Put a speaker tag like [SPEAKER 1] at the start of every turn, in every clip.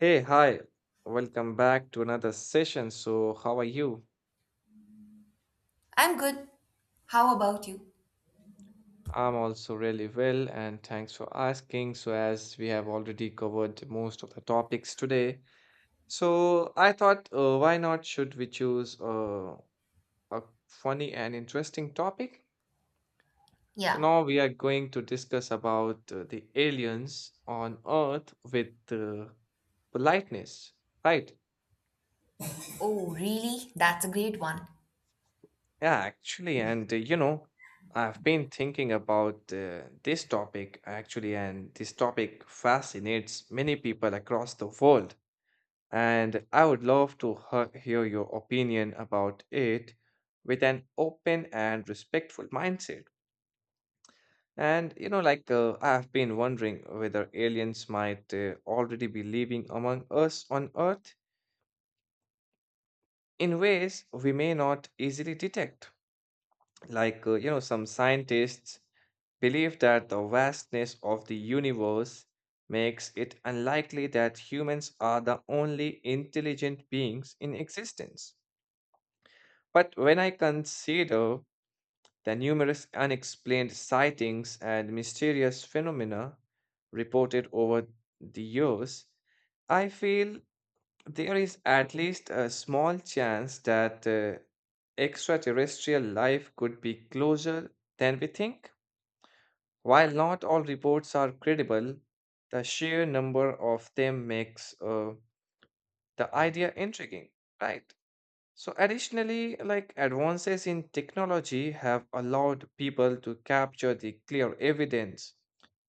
[SPEAKER 1] Hey, hi. Welcome back to another session. So, how are you?
[SPEAKER 2] I'm good. How about you?
[SPEAKER 1] I'm also really well, and thanks for asking. So, as we have already covered most of the topics today, so I thought, why not should we choose a funny and interesting topic? So,
[SPEAKER 2] Yeah.
[SPEAKER 1] now we are going to discuss about the aliens on Earth with politeness, right?
[SPEAKER 2] Oh, really? That's a great one.
[SPEAKER 1] Yeah, actually, and you know, I've been thinking about this topic actually, and this topic fascinates many people across the world. And I would love to hear your opinion about it with an open and respectful mindset. And you know, I've been wondering whether aliens might already be living among us on Earth in ways we may not easily detect. Some scientists believe that the vastness of the universe makes it unlikely that humans are the only intelligent beings in existence. But when I consider the numerous unexplained sightings and mysterious phenomena reported over the years, I feel there is at least a small chance that extraterrestrial life could be closer than we think. While not all reports are credible, the sheer number of them makes the idea intriguing, right? So, additionally, like advances in technology have allowed people to capture the clear evidence,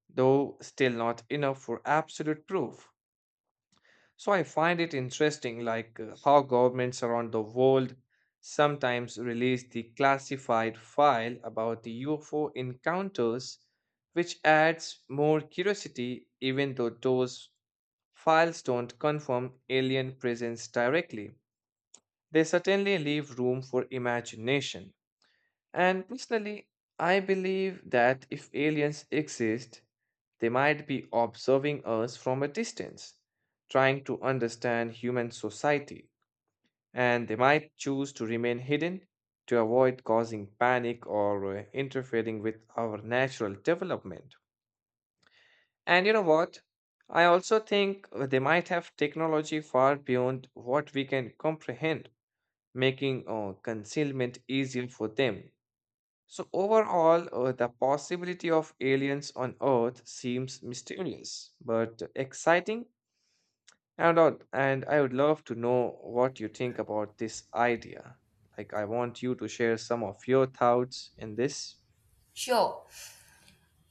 [SPEAKER 1] though still not enough for absolute proof. So I find it interesting, how governments around the world sometimes release the classified file about the UFO encounters, which adds more curiosity, even though those files don't confirm alien presence directly. They certainly leave room for imagination. And personally, I believe that if aliens exist, they might be observing us from a distance, trying to understand human society, and they might choose to remain hidden to avoid causing panic or interfering with our natural development. And you know what? I also think they might have technology far beyond what we can comprehend, making concealment easier for them. So, overall, the possibility of aliens on Earth seems mysterious but exciting. And I would love to know what you think about this idea. Like, I want you to share some of your thoughts in this.
[SPEAKER 2] Sure.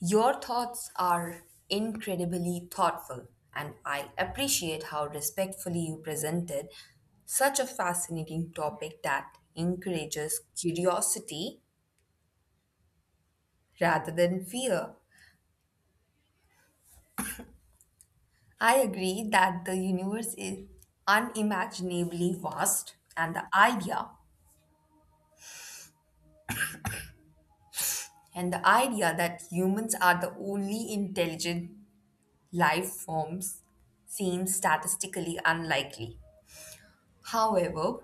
[SPEAKER 2] Your thoughts are incredibly thoughtful, and I appreciate how respectfully you presented such a fascinating topic that encourages curiosity rather than fear. I agree that the universe is unimaginably vast, and the idea that humans are the only intelligent life forms seem statistically unlikely. However,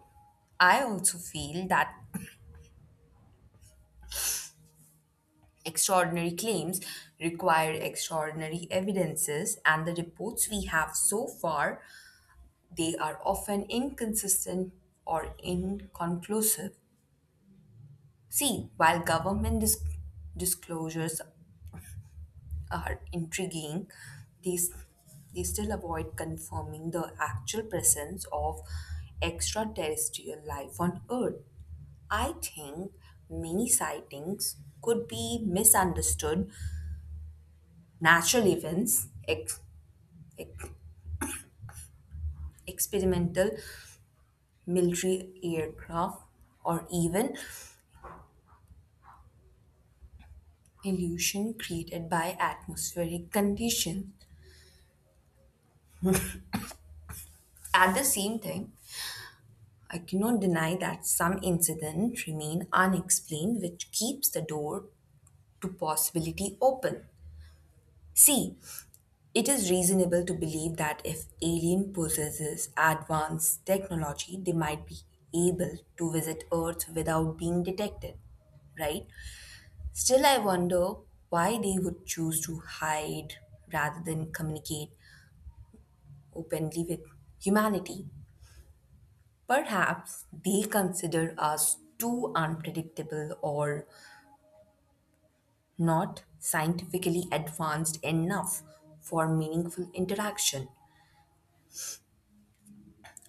[SPEAKER 2] I also feel that extraordinary claims require extraordinary evidences and the reports we have so far they are often inconsistent or inconclusive. See, while disclosures are intriguing, these they still avoid confirming the actual presence of extraterrestrial life on Earth. I think many sightings could be misunderstood natural events, ex- experimental military aircraft, or even illusion created by atmospheric conditions. At the same time, I cannot deny that some incidents remain unexplained, which keeps the door to possibility open. See, it is reasonable to believe that if alien possesses advanced technology, they might be able to visit Earth without being detected, right? Still, I wonder why they would choose to hide rather than communicate openly with humanity. Perhaps they consider us too unpredictable or not scientifically advanced enough for meaningful interaction.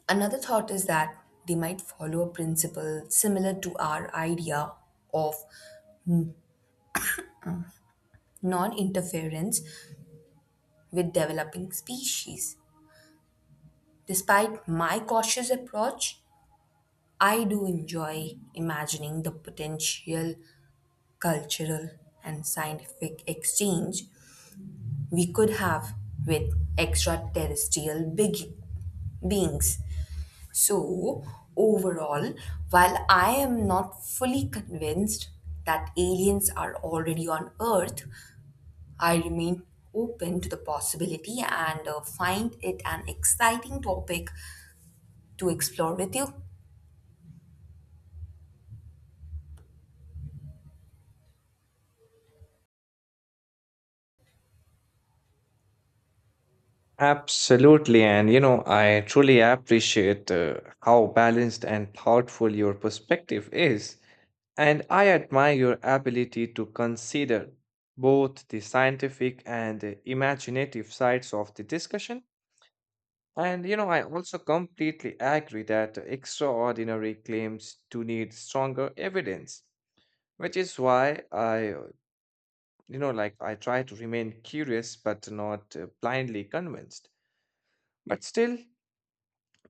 [SPEAKER 2] Another thought is that they might follow a principle similar to our idea of non interference with developing species. Despite my cautious approach, I do enjoy imagining the potential cultural and scientific exchange we could have with extraterrestrial big beings. So, overall, while I am not fully convinced that aliens are already on Earth, I remain open to the possibility and find it an exciting topic to explore with you.
[SPEAKER 1] Absolutely. And, you know, I truly appreciate how balanced and thoughtful your perspective is. And I admire your ability to consider both the scientific and the imaginative sides of the discussion. And, you know, I also completely agree that extraordinary claims do need stronger evidence. Which is why I I try to remain curious but not blindly convinced. But still,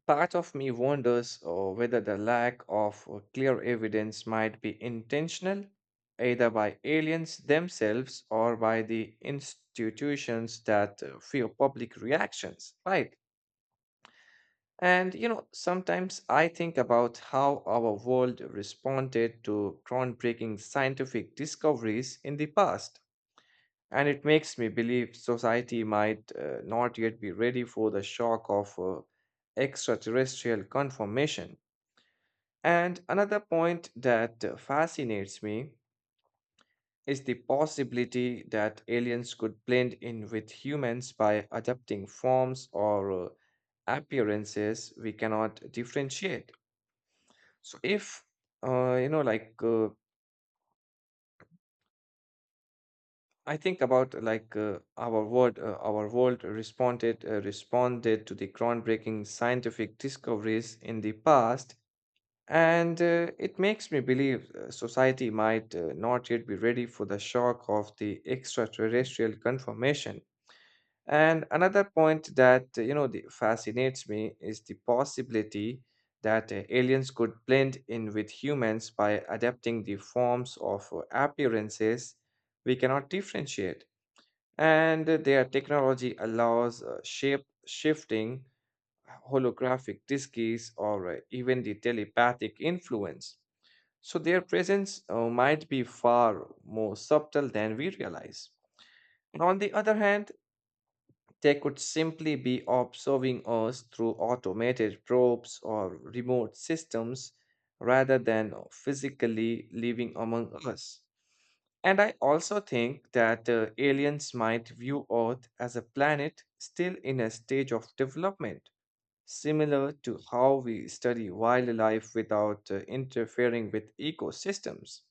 [SPEAKER 1] part of me wonders whether the lack of clear evidence might be intentional, either by aliens themselves or by the institutions that fear public reactions, right? And, you know, sometimes I think about how our world responded to groundbreaking scientific discoveries in the past. And it makes me believe society might not yet be ready for the shock of extraterrestrial confirmation. And another point that fascinates me is the possibility that aliens could blend in with humans by adapting forms or appearances we cannot differentiate. So, if, you know, like I think about like our world responded responded to the groundbreaking scientific discoveries in the past, and it makes me believe society might not yet be ready for the shock of the extraterrestrial confirmation. And another point that fascinates me is the possibility that aliens could blend in with humans by adapting the forms of appearances we cannot differentiate, and their technology allows shape shifting, holographic diskeys, or even the telepathic influence, so their presence might be far more subtle than we realize. And on the other hand, they could simply be observing us through automated probes or remote systems rather than physically living among us. And I also think that aliens might view Earth as a planet still in a stage of development, similar to how we study wildlife without interfering with ecosystems.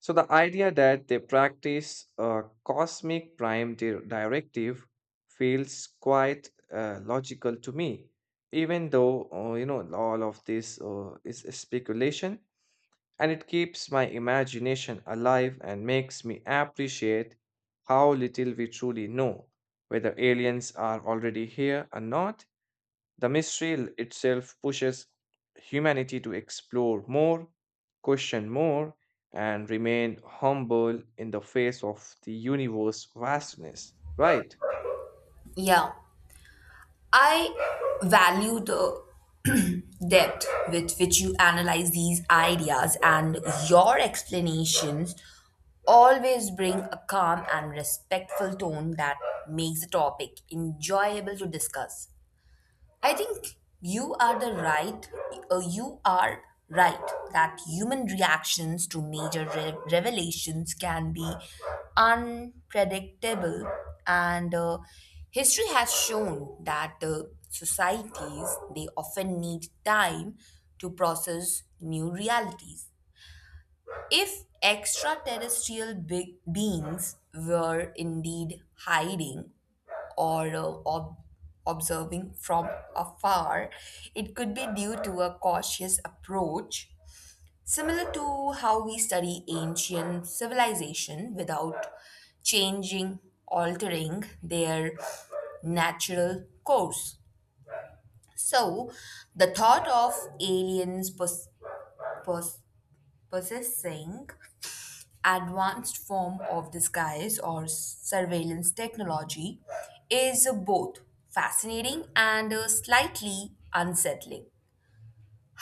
[SPEAKER 1] So, the idea that they practice a cosmic prime directive feels quite logical to me, even though, you know, all of this is speculation, and it keeps my imagination alive and makes me appreciate how little we truly know, whether aliens are already here or not. The mystery itself pushes humanity to explore more, question more, and remain humble in the face of the universe's vastness, right?
[SPEAKER 2] Yeah, I value the depth with which you analyze these ideas, and your explanations always bring a calm and respectful tone that makes the topic enjoyable to discuss. I think you are the right. You are right that human reactions to revelations can be unpredictable, and history has shown that societies they often need time to process new realities. If extraterrestrial big beings were indeed hiding or observing from afar, it could be due to a cautious approach, similar to how we study ancient civilization without changing, altering their natural course. So, the thought of aliens pos- possessing advanced form of disguise or surveillance technology is both fascinating and slightly unsettling.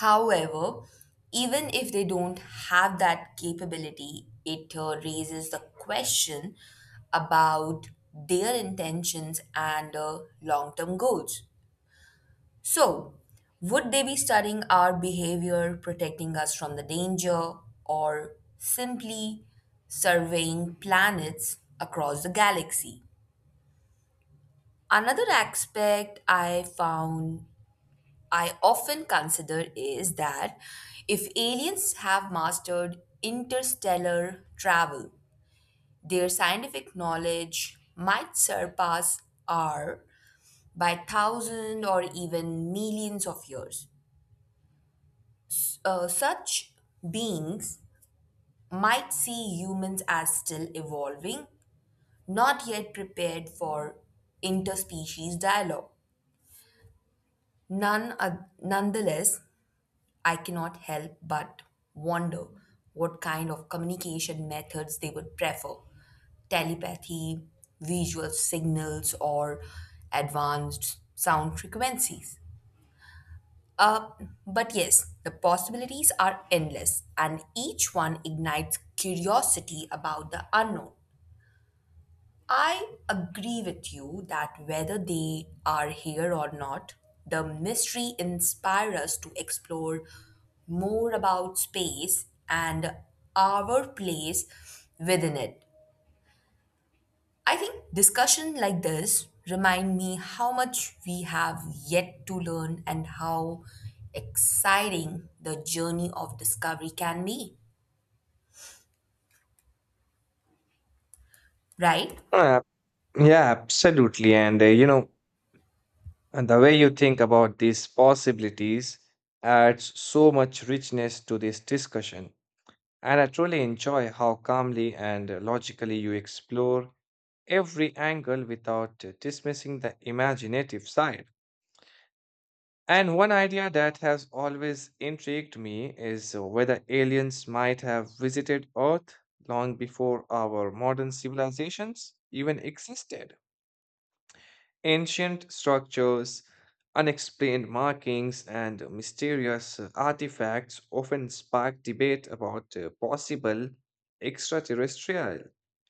[SPEAKER 2] However, even if they don't have that capability, it raises the question about their intentions and long term goals. So, would they be studying our behavior, protecting us from the danger, or simply surveying planets across the galaxy? Another aspect I often consider is that if aliens have mastered interstellar travel, their scientific knowledge might surpass our by thousands or even millions of years. Such beings might see humans as still evolving, not yet prepared for interspecies dialogue. None, nonetheless, I cannot help but wonder what kind of communication methods they would prefer: telepathy, visual signals, or advanced sound frequencies. Uh, but yes, the possibilities are endless, and each one ignites curiosity about the unknown. I agree with you that whether they are here or not, the mystery inspires us to explore more about space and our place within it. I think discussion like this remind me how much we have yet to learn and how exciting the journey of discovery can be, right?
[SPEAKER 1] Uh, yeah, absolutely. And the way you think about these possibilities adds so much richness to this discussion. And I truly enjoy how calmly and logically you explore every angle without dismissing the imaginative side. And one idea that has always intrigued me is whether aliens might have visited Earth long before our modern civilizations even existed. Ancient structures, unexplained markings, and mysterious artifacts often spark debate about possible extraterrestrial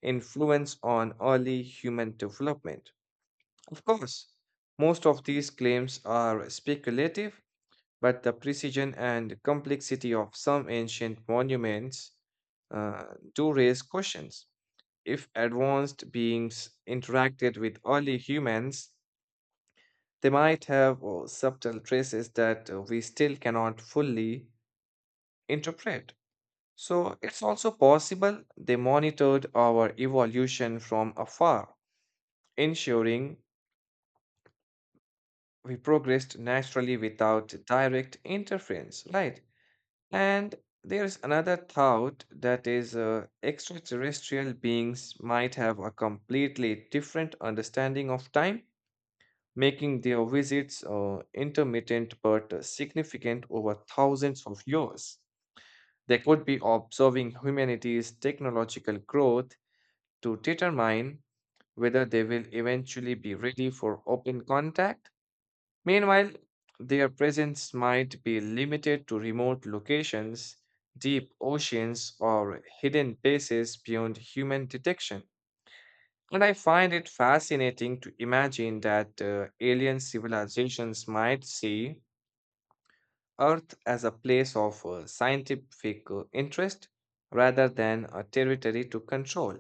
[SPEAKER 1] influence on early human development. Of course, most of these claims are speculative, but the precision and complexity of some ancient monuments uh, do raise questions. If advanced beings interacted with early humans, they might have subtle traces that we still cannot fully interpret. So it's also possible they monitored our evolution from afar, ensuring we progressed naturally without direct interference, right? And there's another thought that is extraterrestrial beings might have a completely different understanding of time, making their visits intermittent but significant over thousands of years. They could be observing humanity's technological growth to determine whether they will eventually be ready for open contact. Meanwhile, their presence might be limited to remote locations, deep oceans, or hidden bases beyond human detection. And I find it fascinating to imagine that alien civilizations might see Earth as a place of scientific interest rather than a territory to control.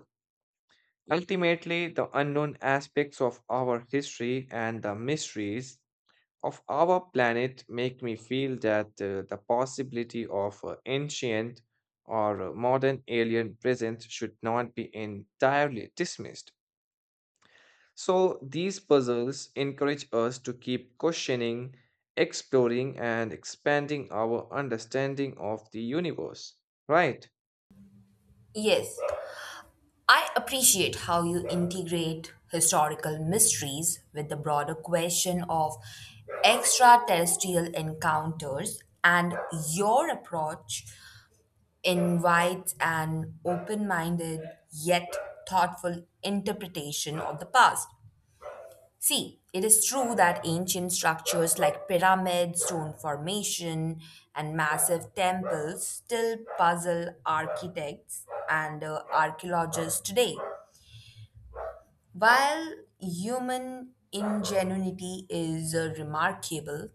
[SPEAKER 1] Ultimately, the unknown aspects of our history and the mysteries of our planet make me feel that the possibility of ancient or modern alien presence should not be entirely dismissed. So, these puzzles encourage us to keep questioning, exploring, and expanding our understanding of the universe, right?
[SPEAKER 2] Yes. I appreciate how you integrate historical mysteries with the broader question of extraterrestrial encounters, and your approach invites an open-minded yet thoughtful interpretation of the past. See, it is true that ancient structures like pyramids, stone formation, and massive temples still puzzle architects and archaeologists today. While human ingenuity is remarkable,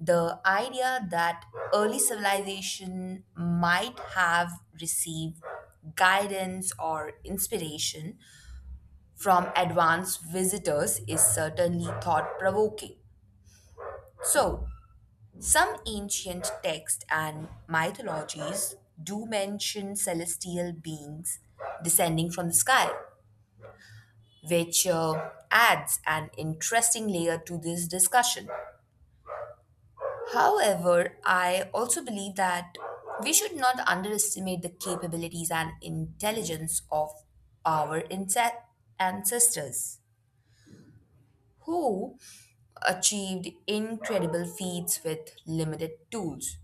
[SPEAKER 2] the idea that early civilization might have received guidance or inspiration from advanced visitors is certainly thought provoking. So, some ancient texts and mythologies do mention celestial beings descending from the sky, which adds an interesting layer to this discussion. However, I also believe that we should not underestimate the capabilities and intelligence of our ancestors who achieved incredible feats with limited tools.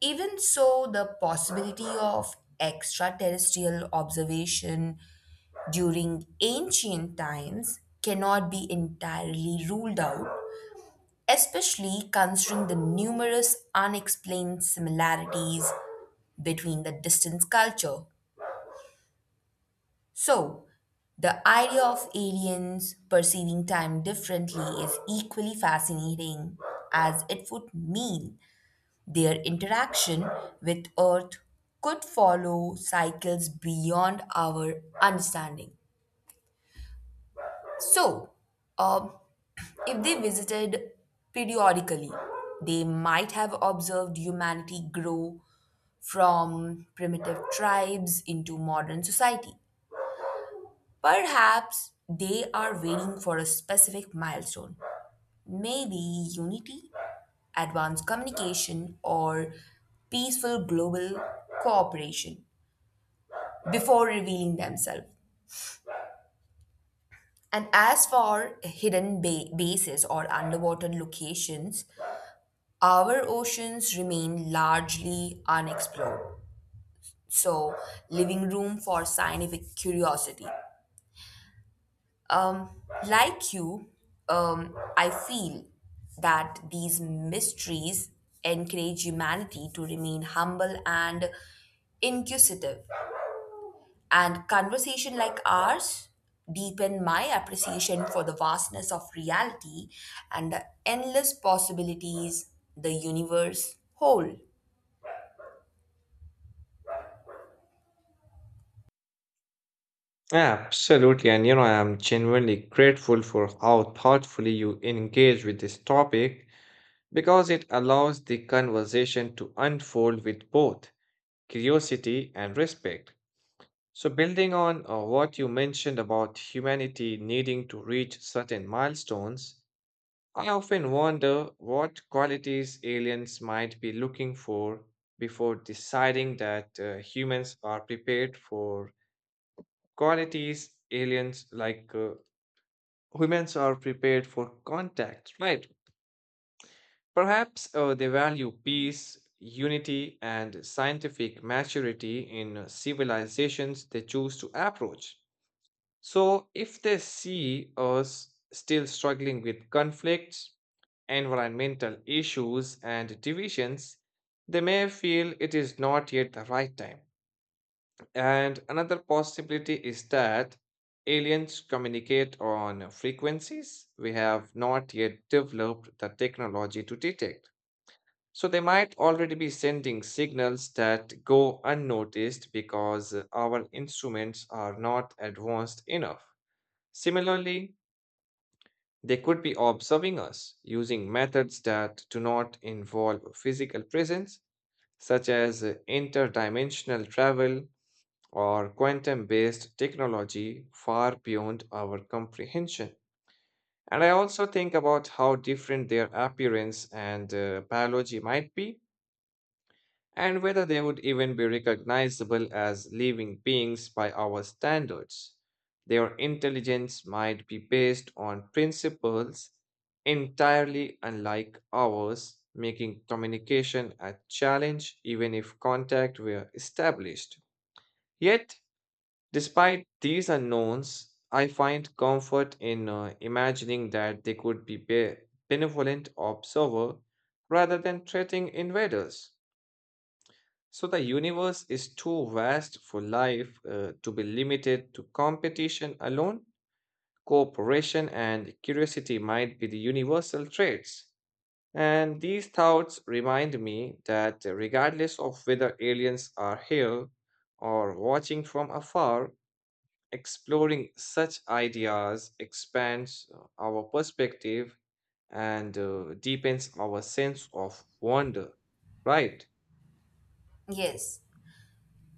[SPEAKER 2] Even so, the possibility of extraterrestrial observation during ancient times cannot be entirely ruled out, especially considering the numerous unexplained similarities between the distant culture. So, the idea of aliens perceiving time differently is equally fascinating, as it would mean their interaction with Earth could follow cycles beyond our understanding. So, um, if they visited periodically, they might have observed humanity grow from primitive tribes into modern society. Perhaps they are waiting for a specific milestone, maybe unity, advanced communication, or peaceful global cooperation, before revealing themselves. And as for bases or underwater locations, our oceans remain largely unexplored, so leaving room for scientific curiosity. Um, like you, I feel that these mysteries encourage humanity to remain humble and inquisitive. And conversation like ours deepen my appreciation for the vastness of reality and the endless possibilities the universe hold.
[SPEAKER 1] Absolutely. And you know, I'm genuinely grateful for how thoughtfully you engage with this topic because it allows the conversation to unfold with both curiosity and respect. So, building on what you mentioned about humanity needing to reach certain milestones, I often wonder what qualities aliens might be looking for before deciding that humans are prepared for qualities aliens like humans are prepared for contact, right? Perhaps they value peace, unity, and scientific maturity in civilizations they choose to approach. So, if they see us still struggling with conflicts, environmental issues, and divisions, they may feel it is not yet the right time. And another possibility is that aliens communicate on frequencies we have not yet developed the technology to detect. So, they might already be sending signals that go unnoticed because our instruments are not advanced enough. Similarly, they could be observing us using methods that do not involve physical presence, such as interdimensional travel or quantum based technology far beyond our comprehension. And I also think about how different their appearance and biology might be, and whether they would even be recognizable as living beings by our standards. Their intelligence might be based on principles entirely unlike ours, making communication a challenge even if contact were established. Yet, despite these unknowns, I find comfort in imagining that they could be benevolent observer rather than threatening invaders. So the universe is too vast for life to be limited to competition alone. Cooperation and curiosity might be the universal traits. And these thoughts remind me that regardless of whether aliens are here or watching from afar, exploring such ideas expands our perspective and deepens our sense of wonder, right?
[SPEAKER 2] Yes,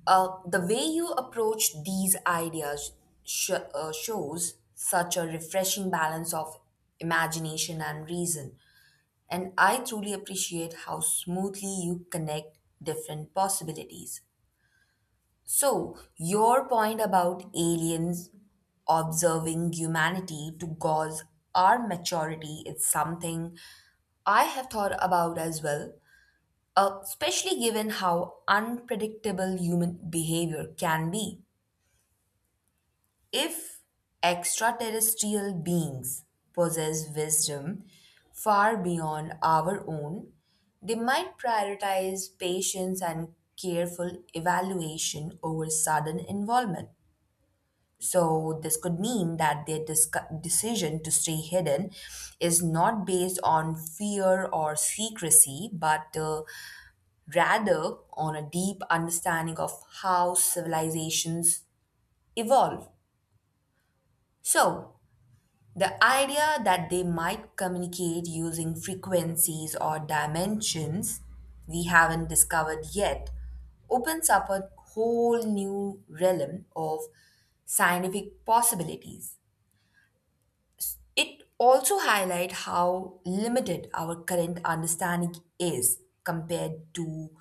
[SPEAKER 2] the way you approach these ideas shows such a refreshing balance of imagination and reason. And I truly appreciate how smoothly you connect different possibilities. So, your point about aliens observing humanity to gauge our maturity is something I have thought about as well, especially given how unpredictable human behavior can be. If extraterrestrial beings possess wisdom far beyond our own, they might prioritize patience and careful evaluation over sudden involvement. So, this could mean that their decision to stay hidden is not based on fear or secrecy, but rather on a deep understanding of how civilizations evolve. So, the idea that they might communicate using frequencies or dimensions we haven't discovered yet opens up a whole new realm of scientific possibilities. It also highlights how limited our current understanding is compared to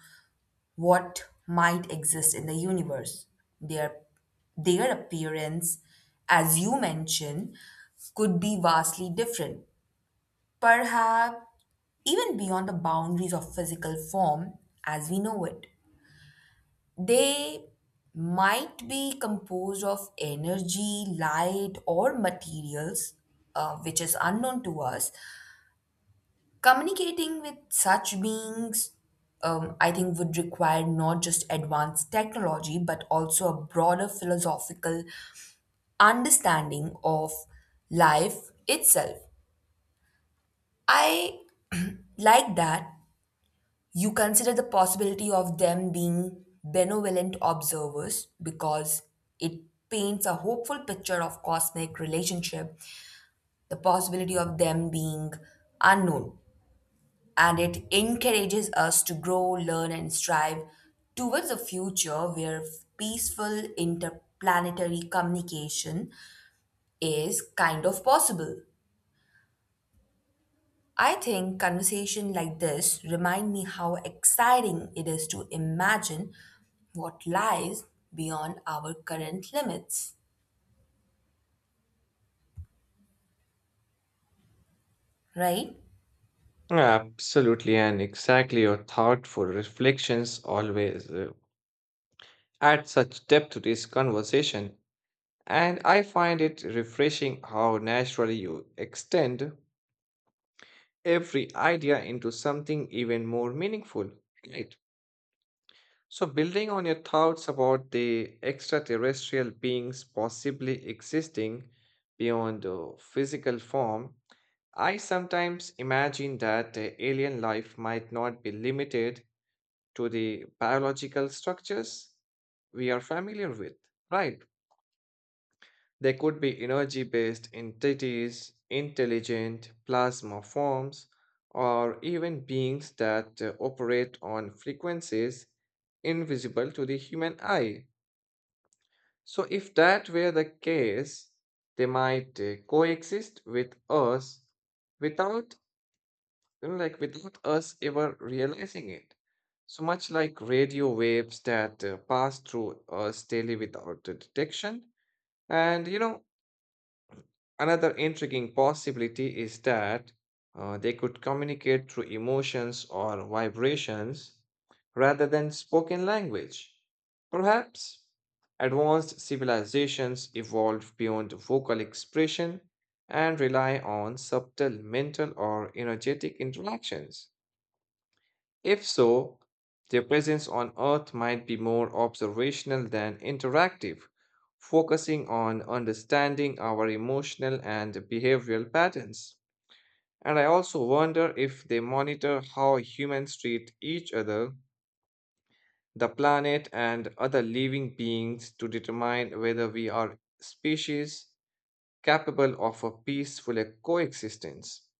[SPEAKER 2] what might exist in the universe. Their, their appearance, as you mentioned, could be vastly different, perhaps even beyond the boundaries of physical form as we know it. They might be composed of energy, light, or materials which is unknown to us. Communicating with such beings, I think, would require not just advanced technology, but also a broader philosophical understanding of life itself. I like that you consider the possibility of them being benevolent observers because it paints a hopeful picture of cosmic relationship, the possibility of them being unknown, and it encourages us to grow, learn, and strive towards a future where peaceful interplanetary communication is kind of possible. I think conversation like this remind me how exciting it is to imagine what lies beyond our current limits, right?
[SPEAKER 1] Absolutely, and exactly your thoughtful reflections always add such depth to this conversation. And I find it refreshing how naturally you extend every idea into something even more meaningful. Right. So, building on your thoughts about the extraterrestrial beings possibly existing beyond the physical form, I sometimes imagine that alien life might not be limited to the biological structures we are familiar with, right? They could be energy based entities, intelligent plasma forms, or even beings that operate on frequencies invisible to the human eye. So, if that were the case, they might coexist with us without without us ever realizing it. So much like radio waves that pass through us daily without the detection. And you know, another intriguing possibility is that they could communicate through emotions or vibrations rather than spoken language. Perhaps advanced civilizations evolved beyond vocal expression and rely on subtle mental or energetic interactions. If so, their presence on Earth might be more observational than interactive, focusing on understanding our emotional and behavioral patterns. And I also wonder if they monitor how humans treat each other, the planet, and other living beings to determine whether we are species capable of a peaceful coexistence.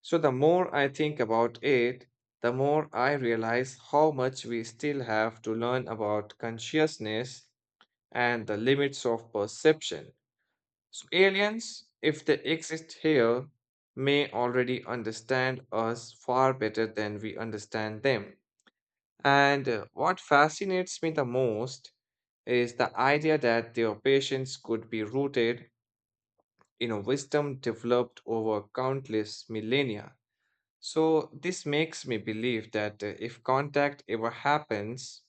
[SPEAKER 1] So, the more I think about it, the more I realize how much we still have to learn about consciousness and the limits of perception. So, aliens, if they exist here, may already understand us far better than we understand them. And what fascinates me the most is the idea that their patience could be rooted you know, wisdom developed over countless millennia. So, this makes me believe that if contact ever happens,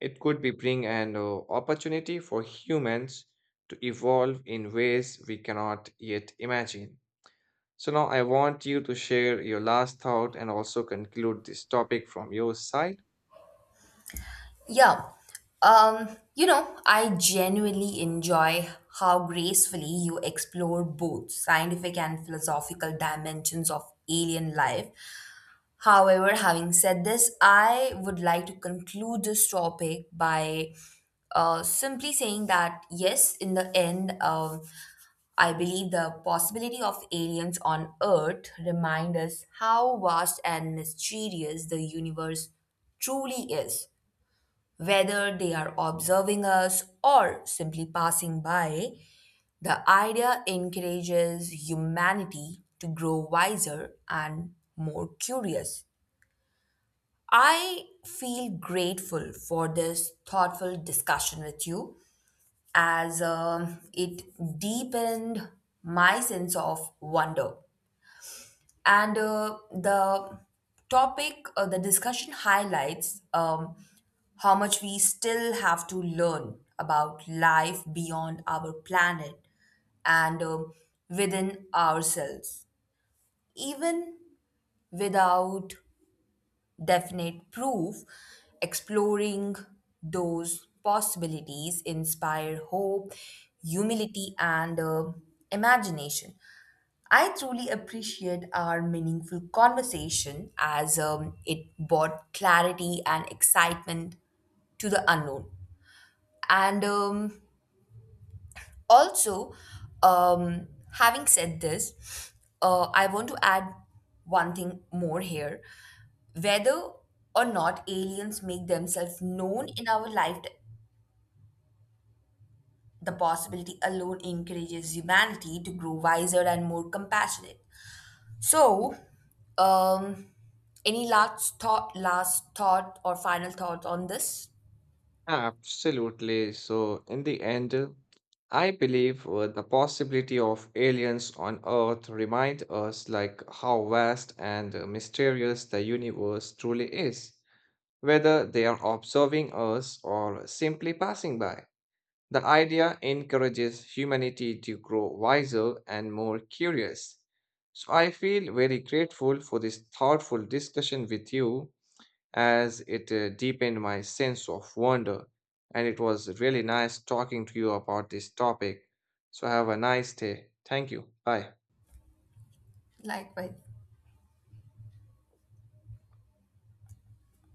[SPEAKER 1] it could be bring an opportunity for humans to evolve in ways we cannot yet imagine. So now I want you to share your last thought and also conclude this topic from your side.
[SPEAKER 2] Yeah. Um, I genuinely enjoy how gracefully you explore both scientific and philosophical dimensions of alien life. However, having said this, I would like to conclude this topic by simply saying that yes, in the end, I believe the possibility of aliens on Earth remind us how vast and mysterious the universe truly is. Whether they are observing us or simply passing by, the idea encourages humanity to grow wiser and more curious. I feel grateful for this thoughtful discussion with you, as it deepened my sense of wonder. And the discussion highlights how much we still have to learn about life beyond our planet and within ourselves. Even without definite proof, exploring those possibilities inspire hope, humility, and imagination. I truly appreciate our meaningful conversation, as it brought clarity and excitement to the unknown. And also, um, having said this, I want to add one thing more here. Whether or not aliens make themselves known in our life, the possibility alone encourages humanity to grow wiser and more compassionate. So, um, any last thought, or final thoughts on this?
[SPEAKER 1] Absolutely. So, in the end, I believe the possibility of aliens on Earth remind us like how vast and mysterious the universe truly is, whether they are observing us or simply passing by. The idea encourages humanity to grow wiser and more curious. So I feel very grateful for this thoughtful discussion with you, as it deepened my sense of wonder. And it was really nice talking to you about this topic. So have a nice day. Thank you. Bye.
[SPEAKER 2] Likewise.